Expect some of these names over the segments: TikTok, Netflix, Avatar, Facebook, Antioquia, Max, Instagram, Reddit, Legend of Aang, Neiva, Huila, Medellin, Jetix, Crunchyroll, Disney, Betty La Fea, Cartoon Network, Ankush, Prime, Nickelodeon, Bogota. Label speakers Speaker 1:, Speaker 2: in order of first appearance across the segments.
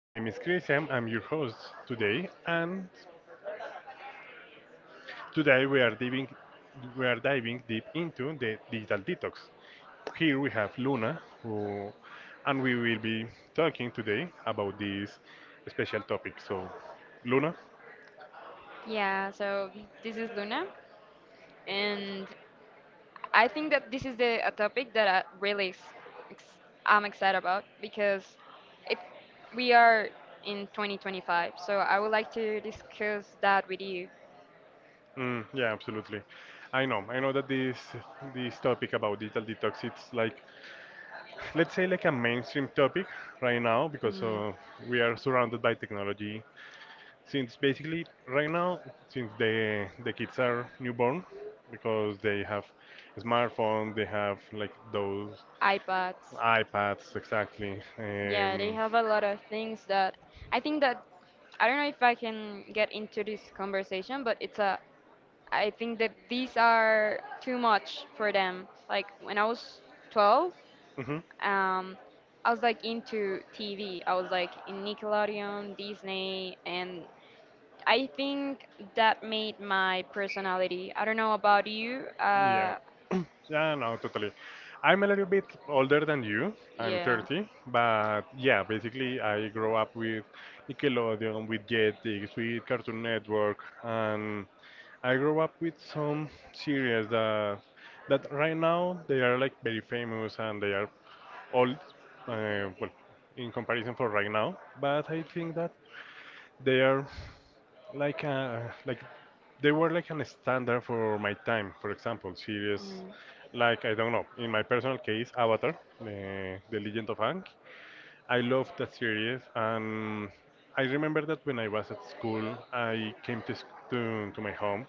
Speaker 1: My name is Christian. I'm your host today, and today we are diving deep into the digital detox. Here we have Luna, who, and we will be talking today about this special topic. So, Luna,
Speaker 2: Yeah, so this is Luna, and I think that this is the a topic that I really ex- I'm excited about because it we are in 2025, so I would like to discuss that with you.
Speaker 1: Yeah, absolutely. I know. I know that this topic about digital detox, it's like, let's say, like a mainstream topic right now because
Speaker 2: Mm,
Speaker 1: uh, we are surrounded by technology since basically right now since the kids are newborn because they have smartphone they have like those
Speaker 2: iPads,
Speaker 1: ipads exactly,
Speaker 2: yeah, they have a lot of things that I think that I don't know if I can get into this conversation, but it's a I think that these are too much for them. Like when I was 12.
Speaker 1: um,
Speaker 2: um, I was like into TV. I was like in Nickelodeon, Disney, and I think
Speaker 1: mhm.
Speaker 2: that made my personality. I don't know about you.
Speaker 1: Yeah. Yeah, no, totally. I'm a little bit older than you. I'm
Speaker 2: Yeah.
Speaker 1: 30, but yeah, basically I grew up with Nickelodeon, with Jetix, with Cartoon Network, and I grew up with some series that right now they are like very famous and they are old, well, in comparison for right now. But I think that they are like they were like an standard for my time. For example, series
Speaker 2: Mm.
Speaker 1: like I don't know. In my personal case, Avatar, the Legend of Aang. I loved that series, and I remember that when I was at school, I came to my home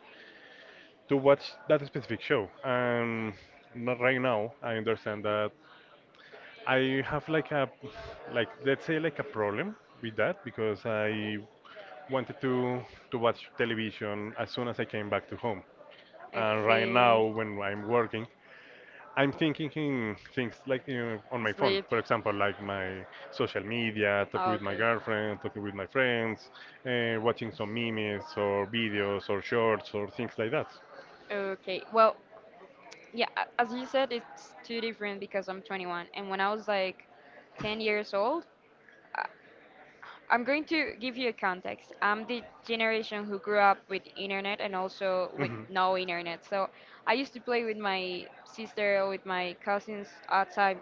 Speaker 1: to watch that specific show. And not right now. I understand that I have like let's say like a problem with that because I wanted to watch television as soon as I came back to home. And right now,
Speaker 2: Okay.
Speaker 1: when I'm working, I'm thinking in things like on my phone,
Speaker 2: Sleep.
Speaker 1: for example, like my social media, talking
Speaker 2: Oh,
Speaker 1: with my
Speaker 2: okay.
Speaker 1: girlfriend, talking with my friends, watching some memes or videos or shorts or things like that.
Speaker 2: Okay. Well, yeah. As you said, it's too different because I'm 21, and when I was like 10 years old, I'm going to give you a context. I'm the generation who grew up with internet and also with
Speaker 1: Mhm.
Speaker 2: no internet. So I used to play with my sister or with my cousins outside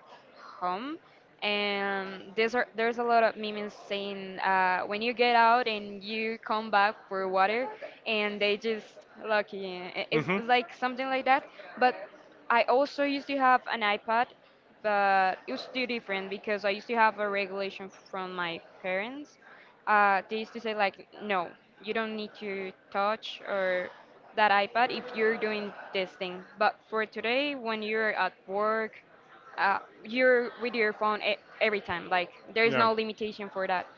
Speaker 2: home. And there's a lot of memes saying when you get out and you come back for water, and they just lucky. It's like something like that. But I also used to have an iPad, but it was still different because I used to have a regulation from my parents. They used to say like, no, you don't need to touch or that iPad if you're doing this thing. But for today, when you're at work, uh, you're with your phone every time. Like there's
Speaker 1: Yeah.
Speaker 2: no limitation for that,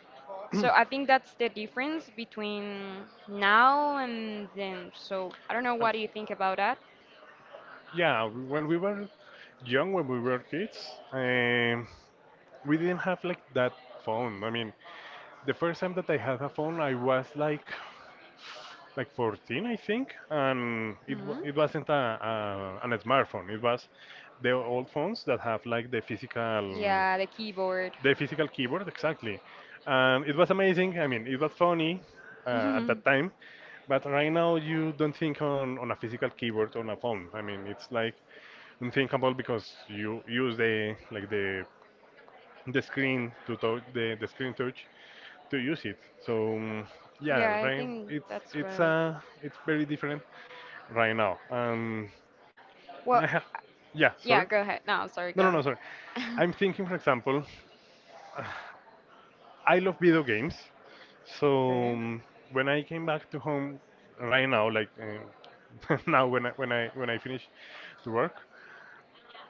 Speaker 2: so I think that's the difference between now and then. So I don't know,
Speaker 1: And,
Speaker 2: what do you think about that?
Speaker 1: yeah, when we were young, when we were kids, we didn't have like that phone. I mean, the first time that I had a phone, I was like 14, I think, and it wa-
Speaker 2: Hmm.
Speaker 1: it wasn't a an smartphone. It was the old phones that have like
Speaker 2: Yeah, the keyboard.
Speaker 1: the physical keyboard exactly, and it was amazing. I mean, it was funny at that
Speaker 2: Yeah,
Speaker 1: time, but right now you don't think on a physical keyboard on a phone. I mean, it's like unthinkable because you use the like the screen to touch the screen touch to use it. So yeah,
Speaker 2: I
Speaker 1: right.
Speaker 2: think
Speaker 1: It's
Speaker 2: that's
Speaker 1: it's
Speaker 2: right.
Speaker 1: uh it's very different right now.
Speaker 2: Well,
Speaker 1: I ha- Yeah,
Speaker 2: yeah,
Speaker 1: sorry.
Speaker 2: go ahead. No, sorry,
Speaker 1: No,
Speaker 2: go
Speaker 1: no, no,
Speaker 2: ahead.
Speaker 1: sorry. I'm thinking, for example, I love video games. So
Speaker 2: Okay.
Speaker 1: when I came back to home right now, like now when I finish to work,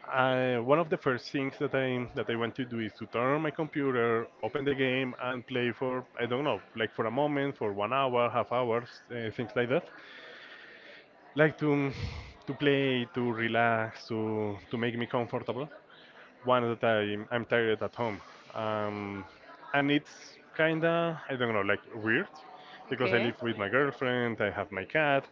Speaker 1: I, one of the first things that I want to do is to turn on my computer, open the game, and play for I don't know, like for a moment, for 1 hour, half hours, things like that. Like to play, to relax, to make me comfortable. One that I'm tired at home. Um, and it's kind of, I don't know, like weird because I
Speaker 2: Okay.
Speaker 1: live with my girlfriend, I have my cat,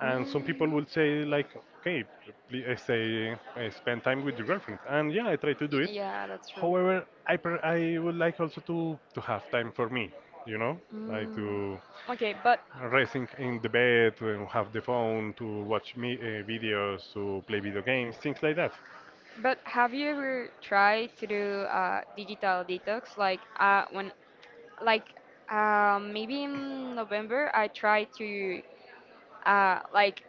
Speaker 1: and some people
Speaker 2: Mm,
Speaker 1: will say, like, okay, please say, spend time with your girlfriend. And yeah, I try to do it.
Speaker 2: yeah, that's true.
Speaker 1: However, I would like also to have time for me, you know, like
Speaker 2: Mm,
Speaker 1: to
Speaker 2: okay, but
Speaker 1: rest in the bed, to have the phone, to watch me, videos, to play video games, things like that.
Speaker 2: but have you ever tried to do digital detox? Like when like maybe in November I tried to uh, like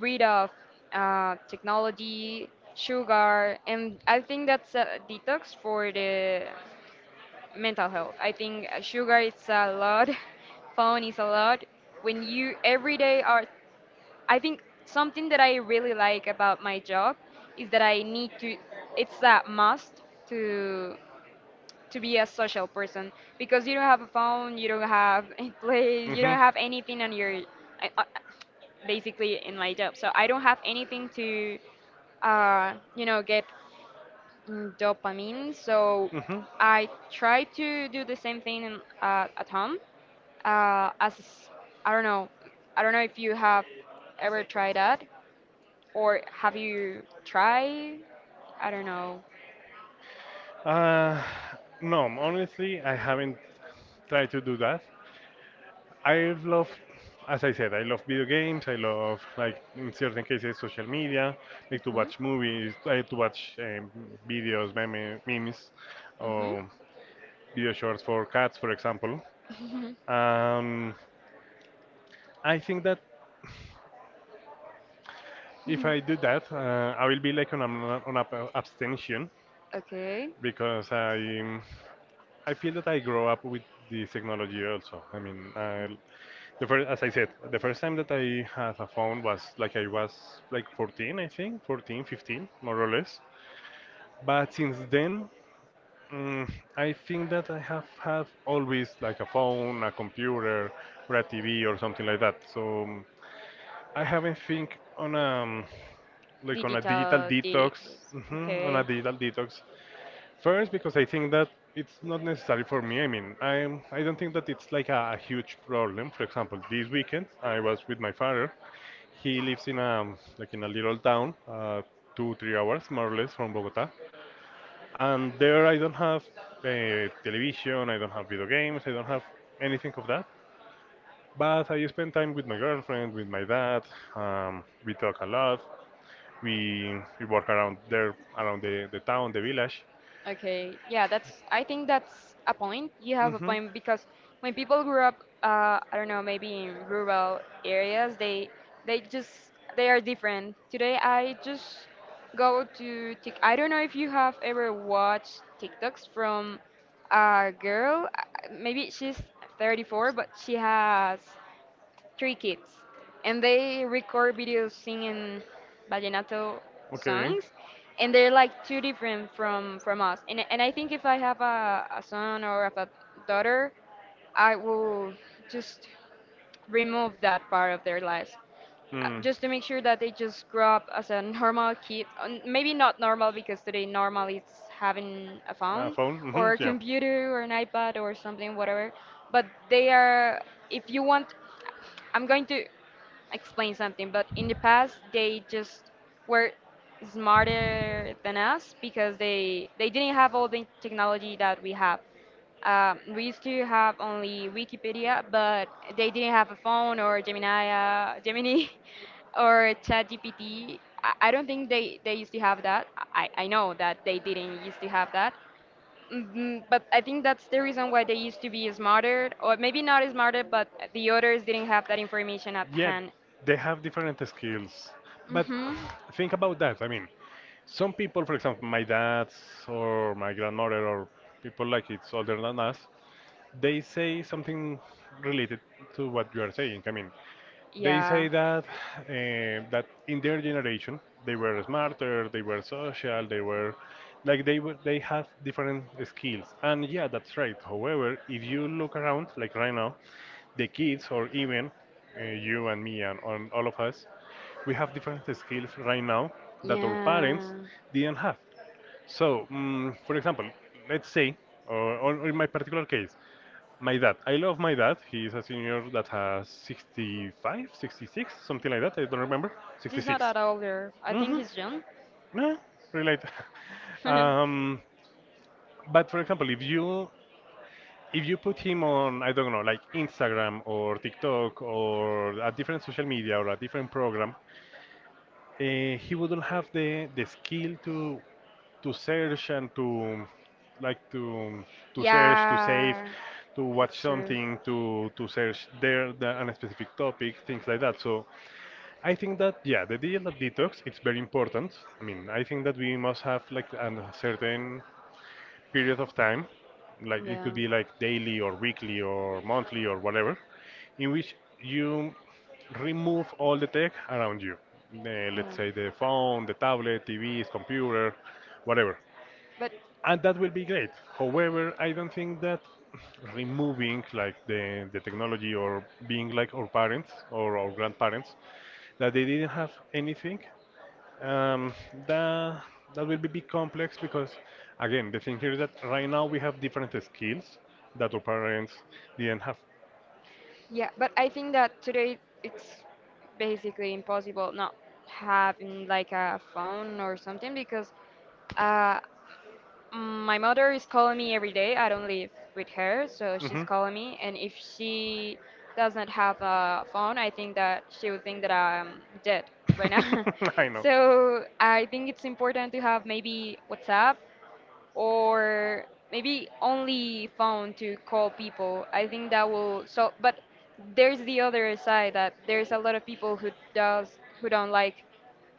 Speaker 2: rid of technology, sugar, and I think that's a detox for the mental health. I think sugar is a lot, phone is a lot. When you every day are I think something that I really like about my job is that I need to it's a must to to be a social person, because you don't have a phone, you don't have a place, you
Speaker 1: Hmm.
Speaker 2: don't have anything on your I, I, basically in my job. So I don't have anything to get, mm, dopamine. So
Speaker 1: Hmm.
Speaker 2: I try to do the same thing in, at home, as I don't know. I don't know if you have ever tried that, or have you tried? I don't know.
Speaker 1: Uh, no, honestly, I haven't tried to do that. I love, as I said, I love video games. I love, like, in certain cases, social media, like to watch movies, I to watch videos, memes,
Speaker 2: Mhm. Mhm.
Speaker 1: or video shorts for cats, for example. Um, I think that if I do that, I will be like on an on a abstention
Speaker 2: Okay.
Speaker 1: because I feel that I grow up with this technology also. I mean, I, the first, as I said, the first time that I had a phone was like I was like 14, I think, 14, 15, more or less. But since then, mm, I think that I have always like a phone, a computer, or a TV or something like that. So I haven't think on a like on a digital
Speaker 2: Digital
Speaker 1: detox,
Speaker 2: digs.
Speaker 1: on a
Speaker 2: Okay.
Speaker 1: digital detox. First, because I think that it's not necessary for me. I mean, I don't think that it's like a huge problem. For example, this weekend I was with my father. He lives in a like in a little town, 2 3 hours more or less from Bogota, and there I don't have television, I don't have video games, I don't have anything of that. But I spend time with my girlfriend, with my dad. We talk a lot. We walk around there around the town, the village,
Speaker 2: Okay, yeah, that's, I think that's a point. You have a
Speaker 1: hmm.
Speaker 2: point, because when people grew up, I don't know, maybe in rural areas, they just they are different. Today, I just go to Tik. I don't know if you have ever watched TikToks from a girl. Maybe she's 34, but she has three kids, and they record videos singing vallenato
Speaker 1: Okay. Hmm.
Speaker 2: songs, and
Speaker 1: They
Speaker 2: they're like too different from us. And I think if I have a son or have a daughter, I will just remove that part of their lives, just to make sure that they just grow up as a normal kid. Maybe not normal, because today normal is having a phone
Speaker 1: phone.
Speaker 2: or a computer or an iPad or something, whatever. But they are, if you want, I'm going to explain something, but in the past they just were smarter than us because they didn't have all the technology that we have. We used to have only Wikipedia, but they didn't have a phone or Gemini, or ChatGPT. I don't think they used to have that. I know that they didn't used to have that. Mm, but I think that's the reason why they used to be smarter, or maybe not smarter, but the others didn't have that information at
Speaker 1: Yeah,
Speaker 2: hand.
Speaker 1: they have different skills. But
Speaker 2: Mm-hmm.
Speaker 1: think about that. I mean, some people, for example, my dad or my grandmother or people like it's older than us, they say something related to what you are saying. I mean, they
Speaker 2: Yeah.
Speaker 1: say that eh, that in their generation they were smarter, they were social, they were like they were, they have different skills. And yeah, that's right. However, if you look around, like right now, the kids or even you and me and on all of us, we have different skills right now that our parents
Speaker 2: Yeah.
Speaker 1: didn't have. So, mm for example, let's say, or in my particular case, my dad. I love my dad. He's a senior that has 65, 66, something like that. I don't remember.
Speaker 2: He's not
Speaker 1: 66.
Speaker 2: that older. I think
Speaker 1: Mm-hmm.
Speaker 2: he's young.
Speaker 1: No, relate. Um, but for example, if you put him on, I don't know, like Instagram or TikTok or a different social media or a different program, he wouldn't have the skill to search and to like to search to save
Speaker 2: Yeah.
Speaker 1: to watch
Speaker 2: That's true.
Speaker 1: something to search there the, on a specific topic things like that. So I think that yeah the digital detox it's very important. I mean I think that we must have like a certain period of time like it
Speaker 2: Yeah.
Speaker 1: could be like daily or weekly or monthly or whatever in which you remove all the tech around you. Let's
Speaker 2: Yeah.
Speaker 1: say the phone, the tablet, TVs, computer, whatever
Speaker 2: But
Speaker 1: and that will be great. However, I don't think that removing like the technology or being like our parents or our grandparents that they didn't have anything, um, that that will be big complex because again the thing here is that right now we have different skills that our parents didn't have.
Speaker 2: Yeah, but I think that today it's basically impossible not having like a phone or something, because uh, my mother is calling me every day. I don't live with her, so
Speaker 1: Hmm.
Speaker 2: she's calling me. And if she does not have a phone, I think that she would think that I'm dead right now.
Speaker 1: I know.
Speaker 2: So I think it's important to have maybe WhatsApp or maybe only phone to call people. I think that will so but there's the other side that there's a lot of people who does who don't like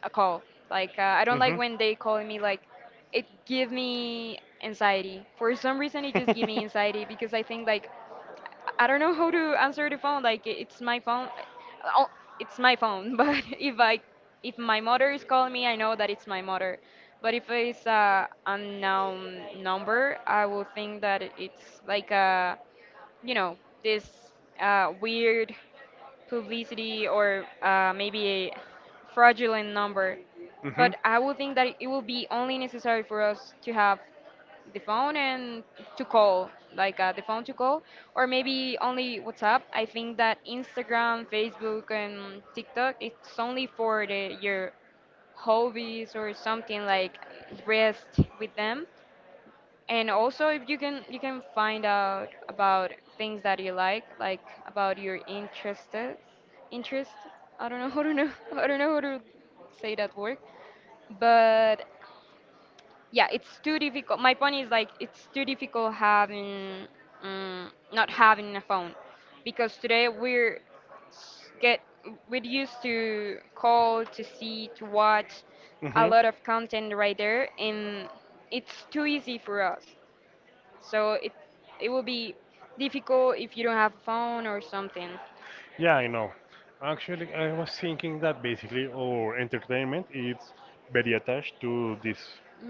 Speaker 2: a call. Like I don't
Speaker 1: Hmm.
Speaker 2: like when they call me. Like it give me anxiety. For some reason it just give me anxiety, because I think like I don't know how to answer the phone. Like it's my phone. Oh, it's my phone. But if my mother is calling me, I know that it's my mother. But if it's a unknown number, I will think that it's like a, you know, this weird publicity, or maybe a fraudulent number. But I would think that it will be only necessary for us to have the phone and to call, like the phone to call, or maybe only WhatsApp. I think that Instagram, Facebook, and TikTok, it's only for the, your hobbies, or something like rest with them. And also, if you can, you can find out about things that you like about your interests. Interest. I don't know, I don't know how to say that word, but yeah, it's too difficult. My point is, like, it's too difficult having, not having a phone, because today we're s- get we're used to call, to see, to watch a
Speaker 1: Hmm.
Speaker 2: lot of content right there, and it's too easy for us, so it will be difficult if you don't have a phone or something.
Speaker 1: Yeah, I know. Actually, I was thinking that basically our entertainment is very attached to this,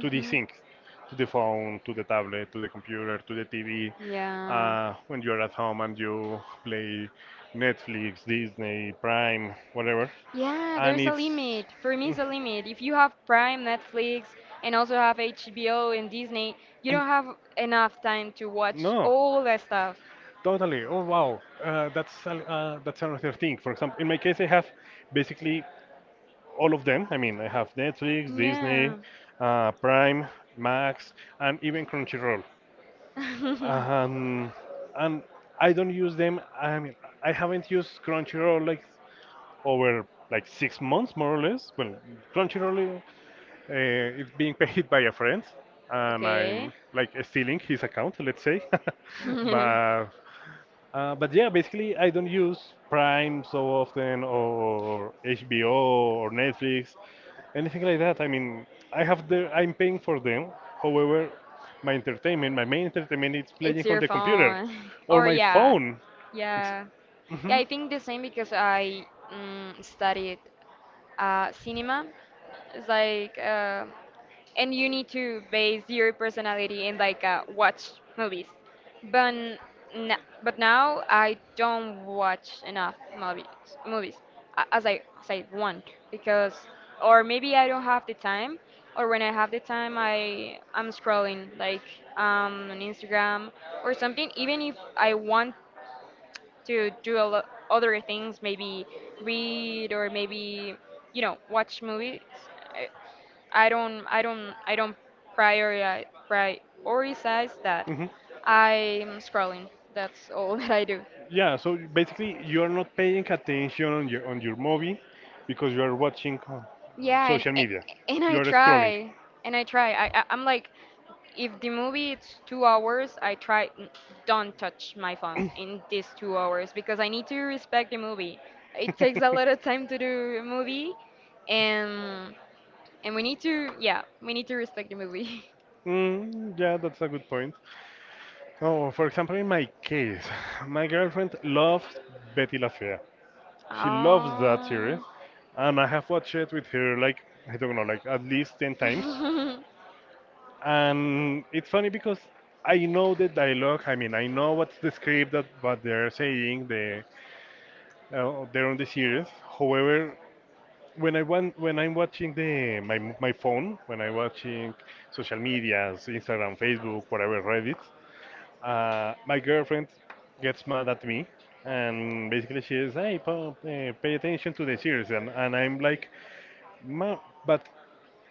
Speaker 1: to these things, to the phone, to the tablet, to the computer, to the TV.
Speaker 2: Yeah.
Speaker 1: When you're at home and you play Netflix, Disney, Prime, whatever,
Speaker 2: Yeah,
Speaker 1: and
Speaker 2: there's a
Speaker 1: it's
Speaker 2: limit. For me, it's a limit. If you have Prime, Netflix, and also have HBO and Disney, you
Speaker 1: mm,
Speaker 2: don't have enough time to watch
Speaker 1: no,
Speaker 2: all that stuff.
Speaker 1: totally. Oh wow, that's another thing. For example, in my case, I have basically all of them. I mean, I have Netflix, Disney,
Speaker 2: Yeah.
Speaker 1: Prime, Max, and even Crunchyroll. Um, and I don't use them. I mean, I haven't used Crunchyroll like over like 6 months, more or less. Well, Crunchyroll, it's being paid by a friend, and
Speaker 2: Okay.
Speaker 1: I'm like stealing his account, let's say. But but yeah, basically, I don't use Prime so often or HBO or Netflix, anything like that. I mean, I have the I'm paying for them. However, my entertainment, my main entertainment is
Speaker 2: It's
Speaker 1: playing on
Speaker 2: your
Speaker 1: the computer
Speaker 2: phone.
Speaker 1: or
Speaker 2: Or
Speaker 1: my
Speaker 2: yeah.
Speaker 1: phone. Ex-
Speaker 2: Yeah. Yeah,
Speaker 1: Mhm.
Speaker 2: I think the same, because I, mm, studied cinema. It's like and you need to base your personality in
Speaker 1: Like
Speaker 2: like
Speaker 1: what?
Speaker 2: watch movies. But n- but
Speaker 1: Now,
Speaker 2: now I
Speaker 1: okay.
Speaker 2: don't watch enough movies as I want, because, or
Speaker 1: When I
Speaker 2: maybe I don't have the time, or when I
Speaker 1: have
Speaker 2: have
Speaker 1: the
Speaker 2: the
Speaker 1: time,
Speaker 2: time I
Speaker 1: I'm
Speaker 2: I'm scrolling, like,
Speaker 1: scrolling.
Speaker 2: um, on Instagram or
Speaker 1: Something
Speaker 2: something, even if I want
Speaker 1: I
Speaker 2: to do a lot other things, maybe read or maybe, you know, watch movies. eh, I don't
Speaker 1: want
Speaker 2: I
Speaker 1: to do,
Speaker 2: don't I don't
Speaker 1: maybe, maybe
Speaker 2: prioritize that.
Speaker 1: hmm.
Speaker 2: I'm scrolling. That's all that I do.
Speaker 1: Yeah, so basically you are not paying attention on your movie because you are watching
Speaker 2: Yeah,
Speaker 1: social media.
Speaker 2: and
Speaker 1: You
Speaker 2: I
Speaker 1: are scrolling.
Speaker 2: try and I try. I'm like, if the movie it's 2 hours, I try don't touch my phone in these 2 hours, because I need to respect the movie. It takes a lot of time to do a movie, and and we need to yeah, we need to respect the movie.
Speaker 1: Mm, yeah, that's a good point. Oh, for example, in my case, my girlfriend loves Betty La Fea. She loves that series, and I have watched it with her like I don't know, like at least 10 times. And it's funny because I know the dialogue. I mean, I know what's the script that what they're saying. They they're on the series. However, when I want when I'm watching the my my phone, when I'm watching social medias, Instagram, Facebook, whatever, Reddit. My girlfriend gets mad at me, and basically she is, "Hey Paul, eh, pay attention to the series," and I'm like, "Ma, but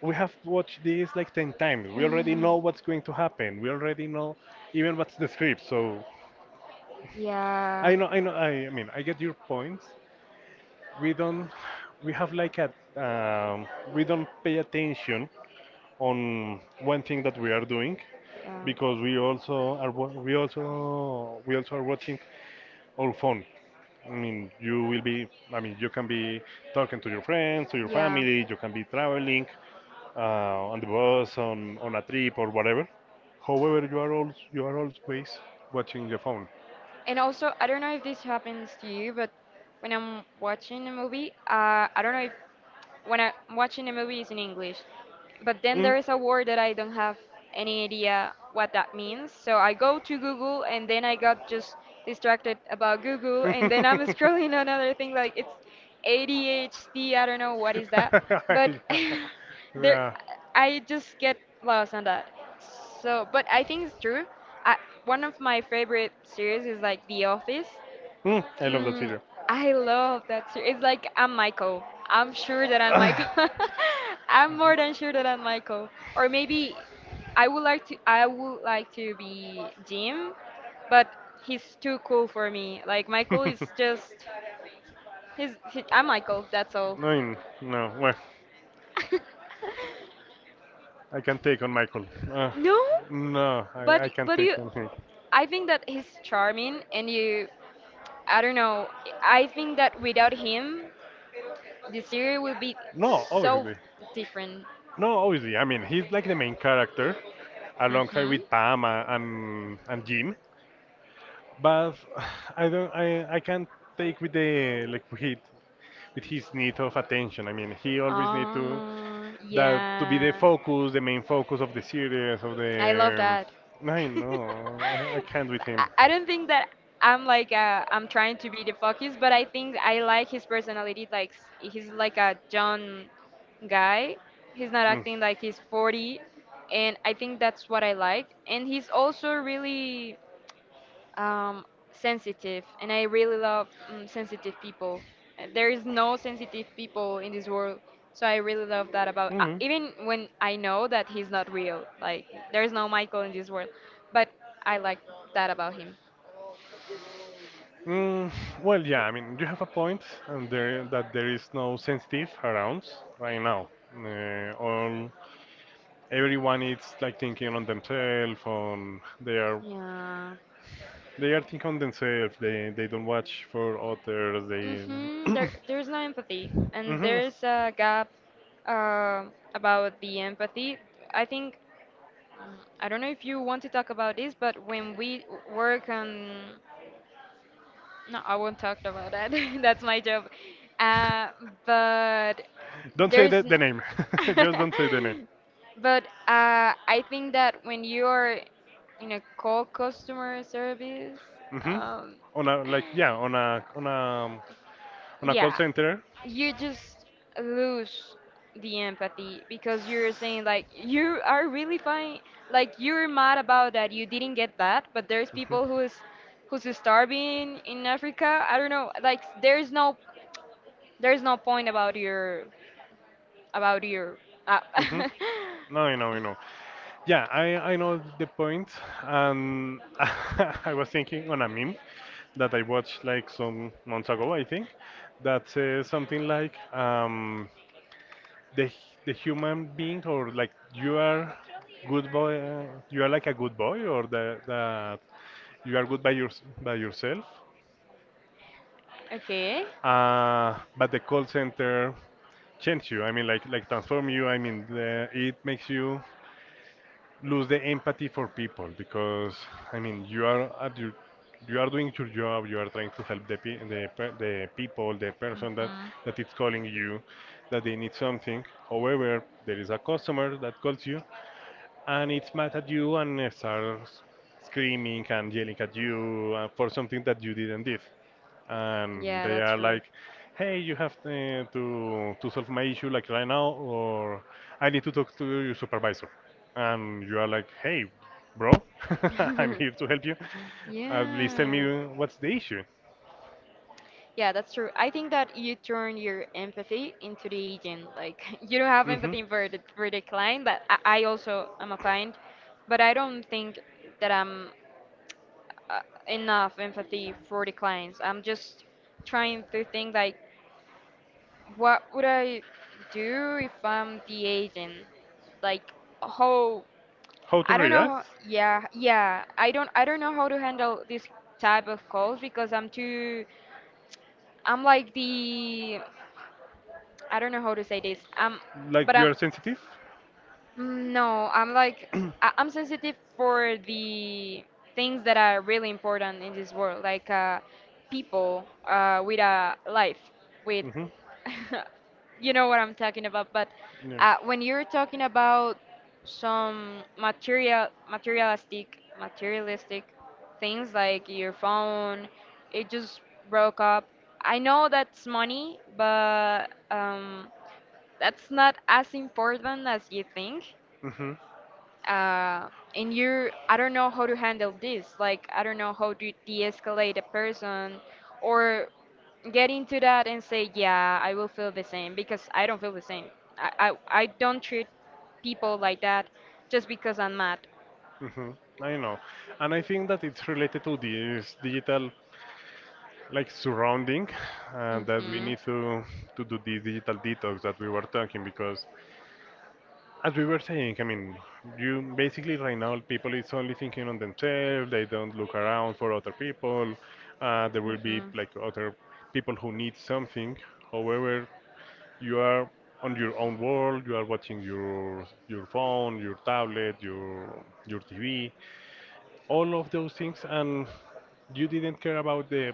Speaker 1: we have watched this like 10 times. We already know
Speaker 2: Oh.
Speaker 1: what's going to happen. We already know even what's the script." So
Speaker 2: Yeah,
Speaker 1: I mean, I get your points. We don't We have like a um, we don't pay attention on one thing that we are doing,
Speaker 2: yeah,
Speaker 1: because we also are we also are watching our phone. I mean, you will be, I mean, you can be talking to your friends, to your
Speaker 2: yeah.
Speaker 1: family, you can be traveling on the bus, on a trip or whatever. However, you are always watching your phone.
Speaker 2: And also, I don't know if this happens to you, but when I'm watching a movie, I don't know if when I'm watching a movie is in English. But then
Speaker 1: Mm.
Speaker 2: there is a word that I don't have any idea what that means. So I go to Google and then I got just distracted about Google, and then I'm
Speaker 1: Yeah.
Speaker 2: scrolling another thing. Like it's ADHD, I don't know what is that. But there
Speaker 1: Yeah.
Speaker 2: I just get lost on that. So, but I think it's true. I, one of my favorite series is like The Office.
Speaker 1: Mm, I love that
Speaker 2: Mm,
Speaker 1: video.
Speaker 2: I love that series. It's like I'm Michael. I'm sure that I'm Michael. I'm more than sure that I'm Michael. Or maybe I would like to be Jim, but he's too cool for me. Like Michael is just I'm Michael, that's all.
Speaker 1: No, no, well, I can take on Michael. Uh,
Speaker 2: No,
Speaker 1: no,
Speaker 2: but
Speaker 1: I can't
Speaker 2: you,
Speaker 1: take on him.
Speaker 2: I think that he's charming, and you, I don't know. I think that without him, the series will be
Speaker 1: No,
Speaker 2: so
Speaker 1: obviously.
Speaker 2: different.
Speaker 1: No, obviously. I mean, he's like the main character alongside
Speaker 2: Mm-hmm.
Speaker 1: with Pam, and Jim. But I don't. I can't take with the, like with his need of attention. I mean, he always need to
Speaker 2: Oh,
Speaker 1: that to be the
Speaker 2: yeah.
Speaker 1: focus, the main focus of the series, of the.
Speaker 2: I love that.
Speaker 1: um, I
Speaker 2: I
Speaker 1: know, I can't with him.
Speaker 2: I don't think that I'm like, I'm trying to be the focus, but I think I like his personality. Like he's like a John guy. He's not
Speaker 1: Mm.
Speaker 2: acting like he's 40, and I think that's what I like. And he's also really, um, sensitive, and I really love, sensitive people. There is no sensitive people in this world, so I really love that about.
Speaker 1: Mhm.
Speaker 2: Even when I know that he's not real, like there is no Michael in this world, but I like that about him.
Speaker 1: Mm, well, yeah, I mean, you have a point, and there that there is no sensitive around right now. All everyone is like thinking on themselves, on
Speaker 2: Yeah.
Speaker 1: they are thinking on themselves. They don't watch for others. They
Speaker 2: Mm-hmm. There's no empathy, and there's a gap about the empathy. I think I don't know if you want to talk about this, but when we work
Speaker 1: Mhm.
Speaker 2: on. No, I won't talk about that. That's my job. Uh, but
Speaker 1: Don't say
Speaker 2: there's.
Speaker 1: the name. Just don't say the name.
Speaker 2: But I think that when you are in a call customer service,
Speaker 1: Hmm.
Speaker 2: um,
Speaker 1: On a, like yeah, on a um, on a call
Speaker 2: yeah,
Speaker 1: center.
Speaker 2: you just lose the empathy because you're saying like you are really fine, like you're mad about that you didn't get that, but there's
Speaker 1: Mhm.
Speaker 2: people who's starving in Africa. I don't know, like there's no, there's no point about your, about your. Uh,
Speaker 1: Hmm. No, I know, I know. Yeah, I know the point, and I was thinking on a meme that I watched like some months ago, I think, that says something like the human being, or like you are good boy, you are like a good boy, or that you are good by your by yourself,
Speaker 2: Okay.
Speaker 1: but the call center change you. I mean, like transform you. I mean, it makes you lose the empathy for people, because I mean you are at your, you are doing your job, you are trying to help the people, the person that
Speaker 2: Hmm.
Speaker 1: is calling you, that they need something. However, there is a customer that calls you, and it's mad at you, and starts screaming and yelling at you for something that you didn't did, and
Speaker 2: Yeah,
Speaker 1: they
Speaker 2: that's
Speaker 1: are
Speaker 2: true.
Speaker 1: like, "Hey, you have to solve my issue like right now, or I need to talk to your supervisor." And you are like, "Hey, bro, I'm here to help you. At least tell
Speaker 2: Yeah.
Speaker 1: me what's the issue."
Speaker 2: Yeah, that's true. I think that you turn your empathy into the agent. Like you don't have
Speaker 1: Hmm.
Speaker 2: empathy for the client, but I also am a client, but I don't think that I'm, uh, enough empathy for the clients. I'm just trying to think like, what would I do if I'm the agent? Like how.
Speaker 1: How to
Speaker 2: I don't know.
Speaker 1: react?
Speaker 2: Yeah, yeah. I don't know how to handle this type of calls because I'm too, I'm like the, I don't know how to say this. Um,
Speaker 1: Like
Speaker 2: but
Speaker 1: you
Speaker 2: I'm.
Speaker 1: are sensitive?
Speaker 2: Mm, no, I'm like, I'm sensitive for the things that are really important in this world, like people with a life, with,
Speaker 1: Hmm.
Speaker 2: you know what I'm talking about. But
Speaker 1: Yeah.
Speaker 2: when you're talking about some material, materialistic, materialistic things like your phone, it just broke up. I know that's money, but that's not as important as you think.
Speaker 1: Mm-hmm.
Speaker 2: Uh, and you, I don't know how to handle this. Like, I don't know how to de escalate a person or get into that and say, yeah, I will feel the same because I don't feel the same. I, I, I don't treat people like that just because I'm mad.
Speaker 1: Mm-hmm. I know. And I think that it's related to this digital like surrounding, and that we
Speaker 2: Mm-hmm.
Speaker 1: need to do this digital detox that we were talking, because as we were saying, I mean, you basically, right now people is only thinking on themselves, they don't look around for other people. There will be
Speaker 2: Mm-hmm.
Speaker 1: like other people who need something. However, you are on your own world, you are watching your phone, your tablet, your tv, all of those things, and you didn't care about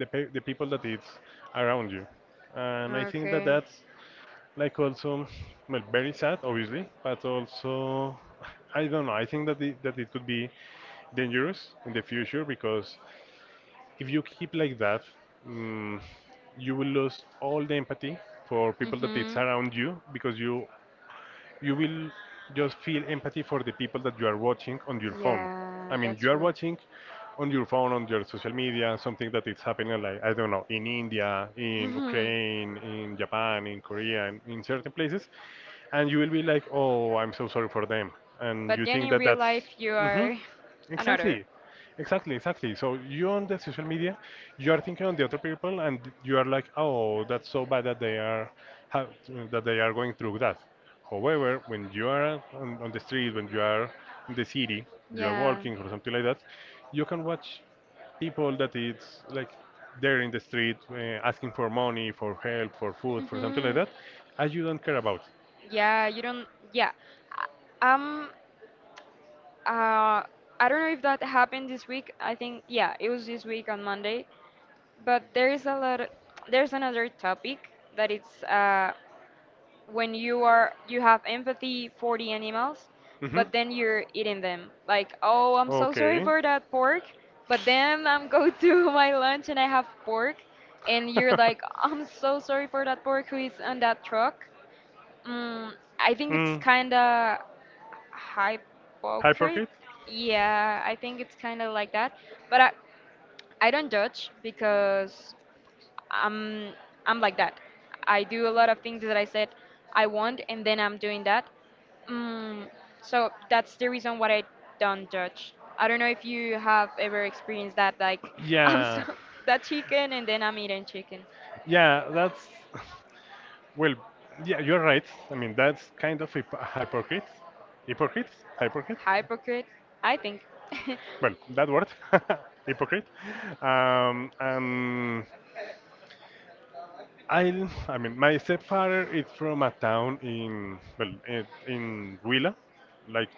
Speaker 1: the people that is around you. And I think that
Speaker 2: Okay.
Speaker 1: that's like also, well, very sad, obviously, but also I don't know. I think that that it could be dangerous in the future, because if you keep like that, mm, you will lose all the empathy for people that it's
Speaker 2: Mm-hmm.
Speaker 1: around you, because you will just feel empathy for the people that you are watching on your phone. I
Speaker 2: Yeah,
Speaker 1: mean,
Speaker 2: that's
Speaker 1: you are
Speaker 2: true.
Speaker 1: watching on your phone, on your social media, something that is happening, like, I don't know, in India, in Ukraine, in Japan, in Korea, and in certain places, and you will be like, "Oh, I'm so sorry for them." And
Speaker 2: But
Speaker 1: you
Speaker 2: then
Speaker 1: think
Speaker 2: in
Speaker 1: that
Speaker 2: real
Speaker 1: that's.
Speaker 2: life, you
Speaker 1: Mhm.
Speaker 2: are another.
Speaker 1: Exactly, exactly, exactly. So you on the social media, you are thinking on the other people, and you are like, "Oh, that's so bad that they are have, that they are going through that." However, when you are on the street, when you are in the city, you are
Speaker 2: Yeah.
Speaker 1: walking or something like that, you can watch people that it's like they're in the street asking for money, for help, for food, for something like
Speaker 2: Mm-hmm.
Speaker 1: that, as you don't care about.
Speaker 2: Yeah, you don't. Yeah, I- um, uh, I don't know if that happened this week. I think yeah, it was this week on Monday. But there is a lot. There's another topic that it's when you are, you have empathy for the animals,
Speaker 1: Hmm.
Speaker 2: but then you're eating them. Like, oh, I'm so sorry
Speaker 1: Okay.
Speaker 2: for that pork, but then I'm go to my lunch and I have pork, and you're like, I'm so sorry for that pork who is on that truck. Mm, I think it's
Speaker 1: Mm.
Speaker 2: kinda hypocrite.
Speaker 1: Hyperkit?
Speaker 2: Yeah, I think it's kind of like that. But I don't judge because I'm I'm like that. I do a lot of things that I said I want, and then I'm doing that. Mm, so that's the reason why I don't judge. I don't know if you have ever experienced that, like I'm so
Speaker 1: Yeah.
Speaker 2: that chicken, and then I'm eating chicken.
Speaker 1: Yeah, that's well, yeah, you're right. I mean, that's kind of hypocrite. Hypocrite? Hypocrite?
Speaker 2: Hypocrite, I think.
Speaker 1: Well, that word, hypocrite. And I mean, my stepfather is from a town in, well, in Huila, like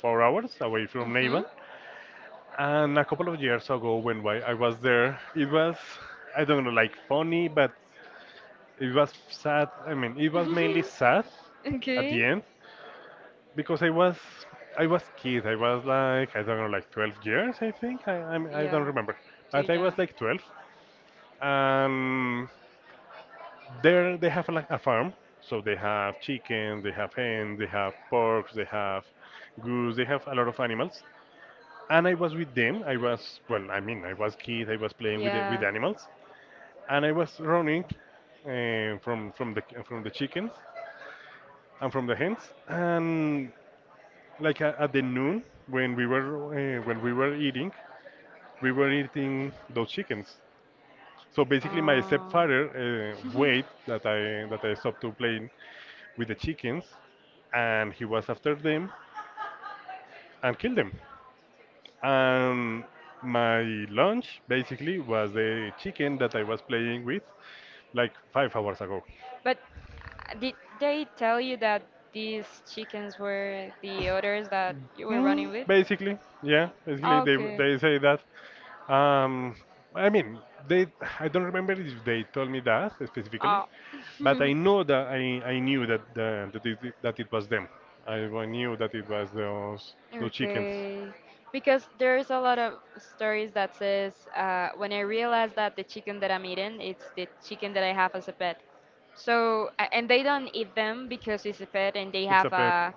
Speaker 1: 4 hours away from
Speaker 2: Mhm.
Speaker 1: Neiva. And a couple of years ago, when I was there, it was, I don't know, like funny, but it was sad. I mean, it was mainly sad at the
Speaker 2: Okay.
Speaker 1: end, because I was kid. I was like I don't know, like 12 years, I think. I I'm, I do not
Speaker 2: Yeah.
Speaker 1: remember,
Speaker 2: Too
Speaker 1: but I was
Speaker 2: young.
Speaker 1: like 12, and there they have like a farm, so they have chicken, they have hen, they have porks, they have goose, they have a lot of animals. And I was with them, I was, well I mean, I was kid, I was playing with with
Speaker 2: Yeah.
Speaker 1: animals, and I was running from from the chickens and from the hens. And like at the noon, when we were eating, we were eating those chickens. So basically my
Speaker 2: Oh.
Speaker 1: stepfather wait that I stopped to play with the chickens, and he was after them and killed them. And my lunch basically was the chicken that I was playing with like 5 hours ago.
Speaker 2: But did they tell you that these chickens were the others that you were running
Speaker 1: Mm,
Speaker 2: with?
Speaker 1: basically, yeah, basically
Speaker 2: Oh,
Speaker 1: they
Speaker 2: okay.
Speaker 1: say that. Um, I mean, they I don't remember if they told me that specifically,
Speaker 2: Oh.
Speaker 1: but I know that I knew that that it was them. Knew that it was those chickens.
Speaker 2: Okay. Because there's a lot of stories that says when I realized that the chicken that I'm eating, it's the chicken that I have as a pet. So and they don't eat them because it's a pet and they
Speaker 1: It's a
Speaker 2: have
Speaker 1: pep.
Speaker 2: a.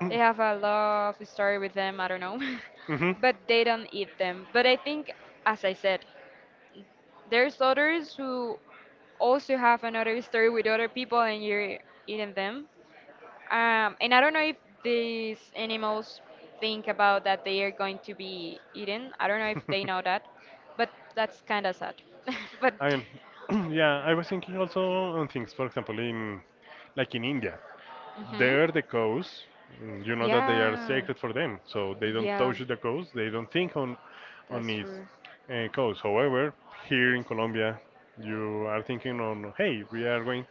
Speaker 2: They have a love story with them, I don't know.
Speaker 1: Mm. Hmm.
Speaker 2: But they don't eat them. But I think, as I said, there's others who also have another story with other people and you're eating them. And I don't know if these animals think about that they are going to be eaten. I don't know if they know that, but that's kind of sad. But,
Speaker 1: I mean, yeah, I was thinking also on things, for example, in like in India,
Speaker 2: hmm.
Speaker 1: there the cows, mm, you know that they are
Speaker 2: Yeah,
Speaker 1: sacred for them, so they don't
Speaker 2: yeah,
Speaker 1: touch the cows, they don't think on
Speaker 2: that's
Speaker 1: these
Speaker 2: true.
Speaker 1: cows. However, here in Colombia, you are thinking on, hey, we are going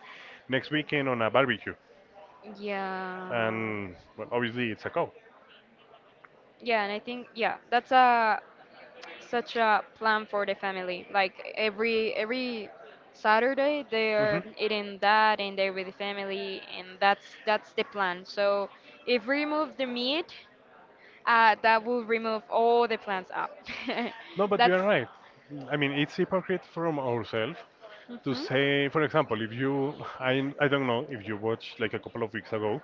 Speaker 1: next weekend on a barbecue,
Speaker 2: Yeah.
Speaker 1: and well, obviously it's a cow.
Speaker 2: Yeah, and I think yeah, that's a such a plan for the family. Like every Saturday they
Speaker 1: Hmm.
Speaker 2: are eating that and they're with the family and that's the plan. So if we remove the meat, that will remove all the plans up.
Speaker 1: No, but you
Speaker 2: That's.
Speaker 1: are right. I mean, it's hypocrite from ourselves to
Speaker 2: Hmm.
Speaker 1: say, for example, if you, I don't know if you watched like a couple of weeks ago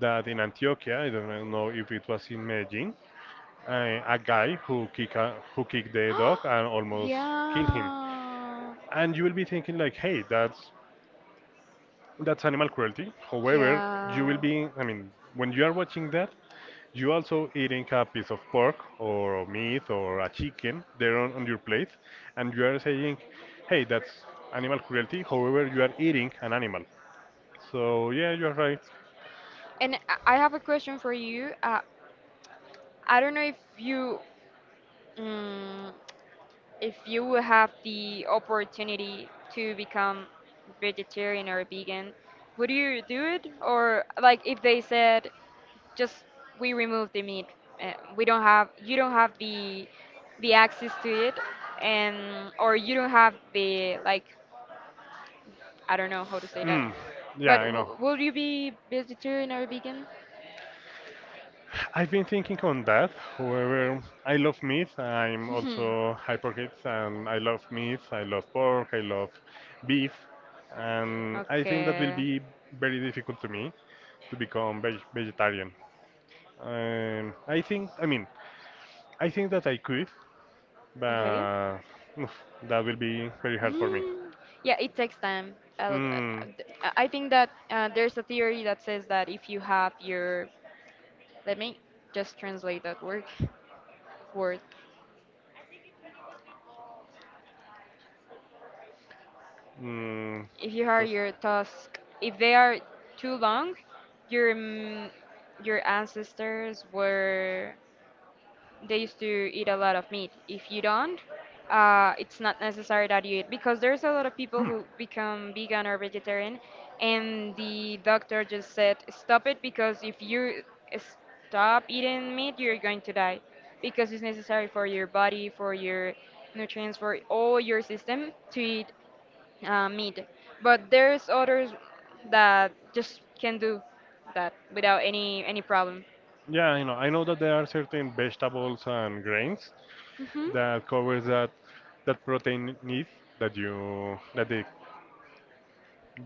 Speaker 1: that in Antioquia, I don't know if it was in Medellin, a guy who who kicked the dog and almost killed him.
Speaker 2: Yeah.
Speaker 1: And you will be thinking like, hey, that's animal cruelty. However, you will
Speaker 2: Yeah.
Speaker 1: be, I mean, when you are watching that, you also eating a piece of pork or meat or a chicken there on your plate, and you are saying, "Hey, that's animal cruelty." However, you are eating an animal. So yeah, you are right.
Speaker 2: And I have a question for you. I don't know if you. Mm, if you would have the opportunity to become vegetarian or vegan, would you do it? Or like if they said, just we remove the meat, we don't have, you don't have the access to it, and or you don't have the like, I don't know how to say that.
Speaker 1: Mm, yeah,
Speaker 2: But
Speaker 1: I know.
Speaker 2: w will you be vegetarian or vegan?
Speaker 1: I've been thinking on that. However, I love meat. I'm also hypocrite, and I love meat. I love pork. I love beef, and I think that will
Speaker 2: Okay.
Speaker 1: be very difficult to me to become vegetarian. I think. I mean, I think that I could,
Speaker 2: Okay.
Speaker 1: but oof, that will be very hard for me.
Speaker 2: Mm, yeah, it takes time.
Speaker 1: Mm,
Speaker 2: Th- I think that there's a theory that says that if you have your, let me just translate that word, word.
Speaker 1: mm,
Speaker 2: If you have
Speaker 1: those-
Speaker 2: your task, if they are too long, your your ancestors were, they used to eat a lot of meat. If you don't, it's not necessary that you eat because there's a lot of people
Speaker 1: Hmm.
Speaker 2: who become vegan or vegetarian, and the doctor just said stop it because if you stop eating meat, you're going to die because it's necessary for your body, for your nutrients, for all your system to eat meat. But there's others that just can do that without any problem.
Speaker 1: Yeah, I know. I know that there are certain vegetables and grains
Speaker 2: Mhm.
Speaker 1: that covers that that protein need that you that the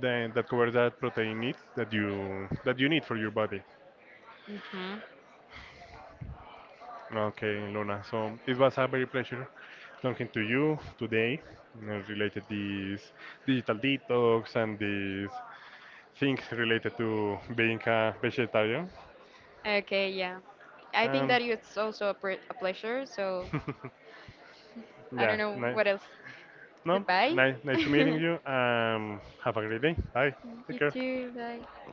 Speaker 1: then that covers that protein need that you need for your body.
Speaker 2: Mhm.
Speaker 1: Okay, Luna. So it was a very pleasure talking to you today, you know, related these digital detox and these things related to being a vegetarian.
Speaker 2: Okay, yeah. I think
Speaker 1: Um,
Speaker 2: that it's also a, a pleasure. So I don't
Speaker 1: yeah,
Speaker 2: know
Speaker 1: ni-
Speaker 2: what else.
Speaker 1: no,
Speaker 2: Goodbye.
Speaker 1: nice, nice to meeting
Speaker 2: You
Speaker 1: you. Have a great day. Bye. Take care.
Speaker 2: too. Bye.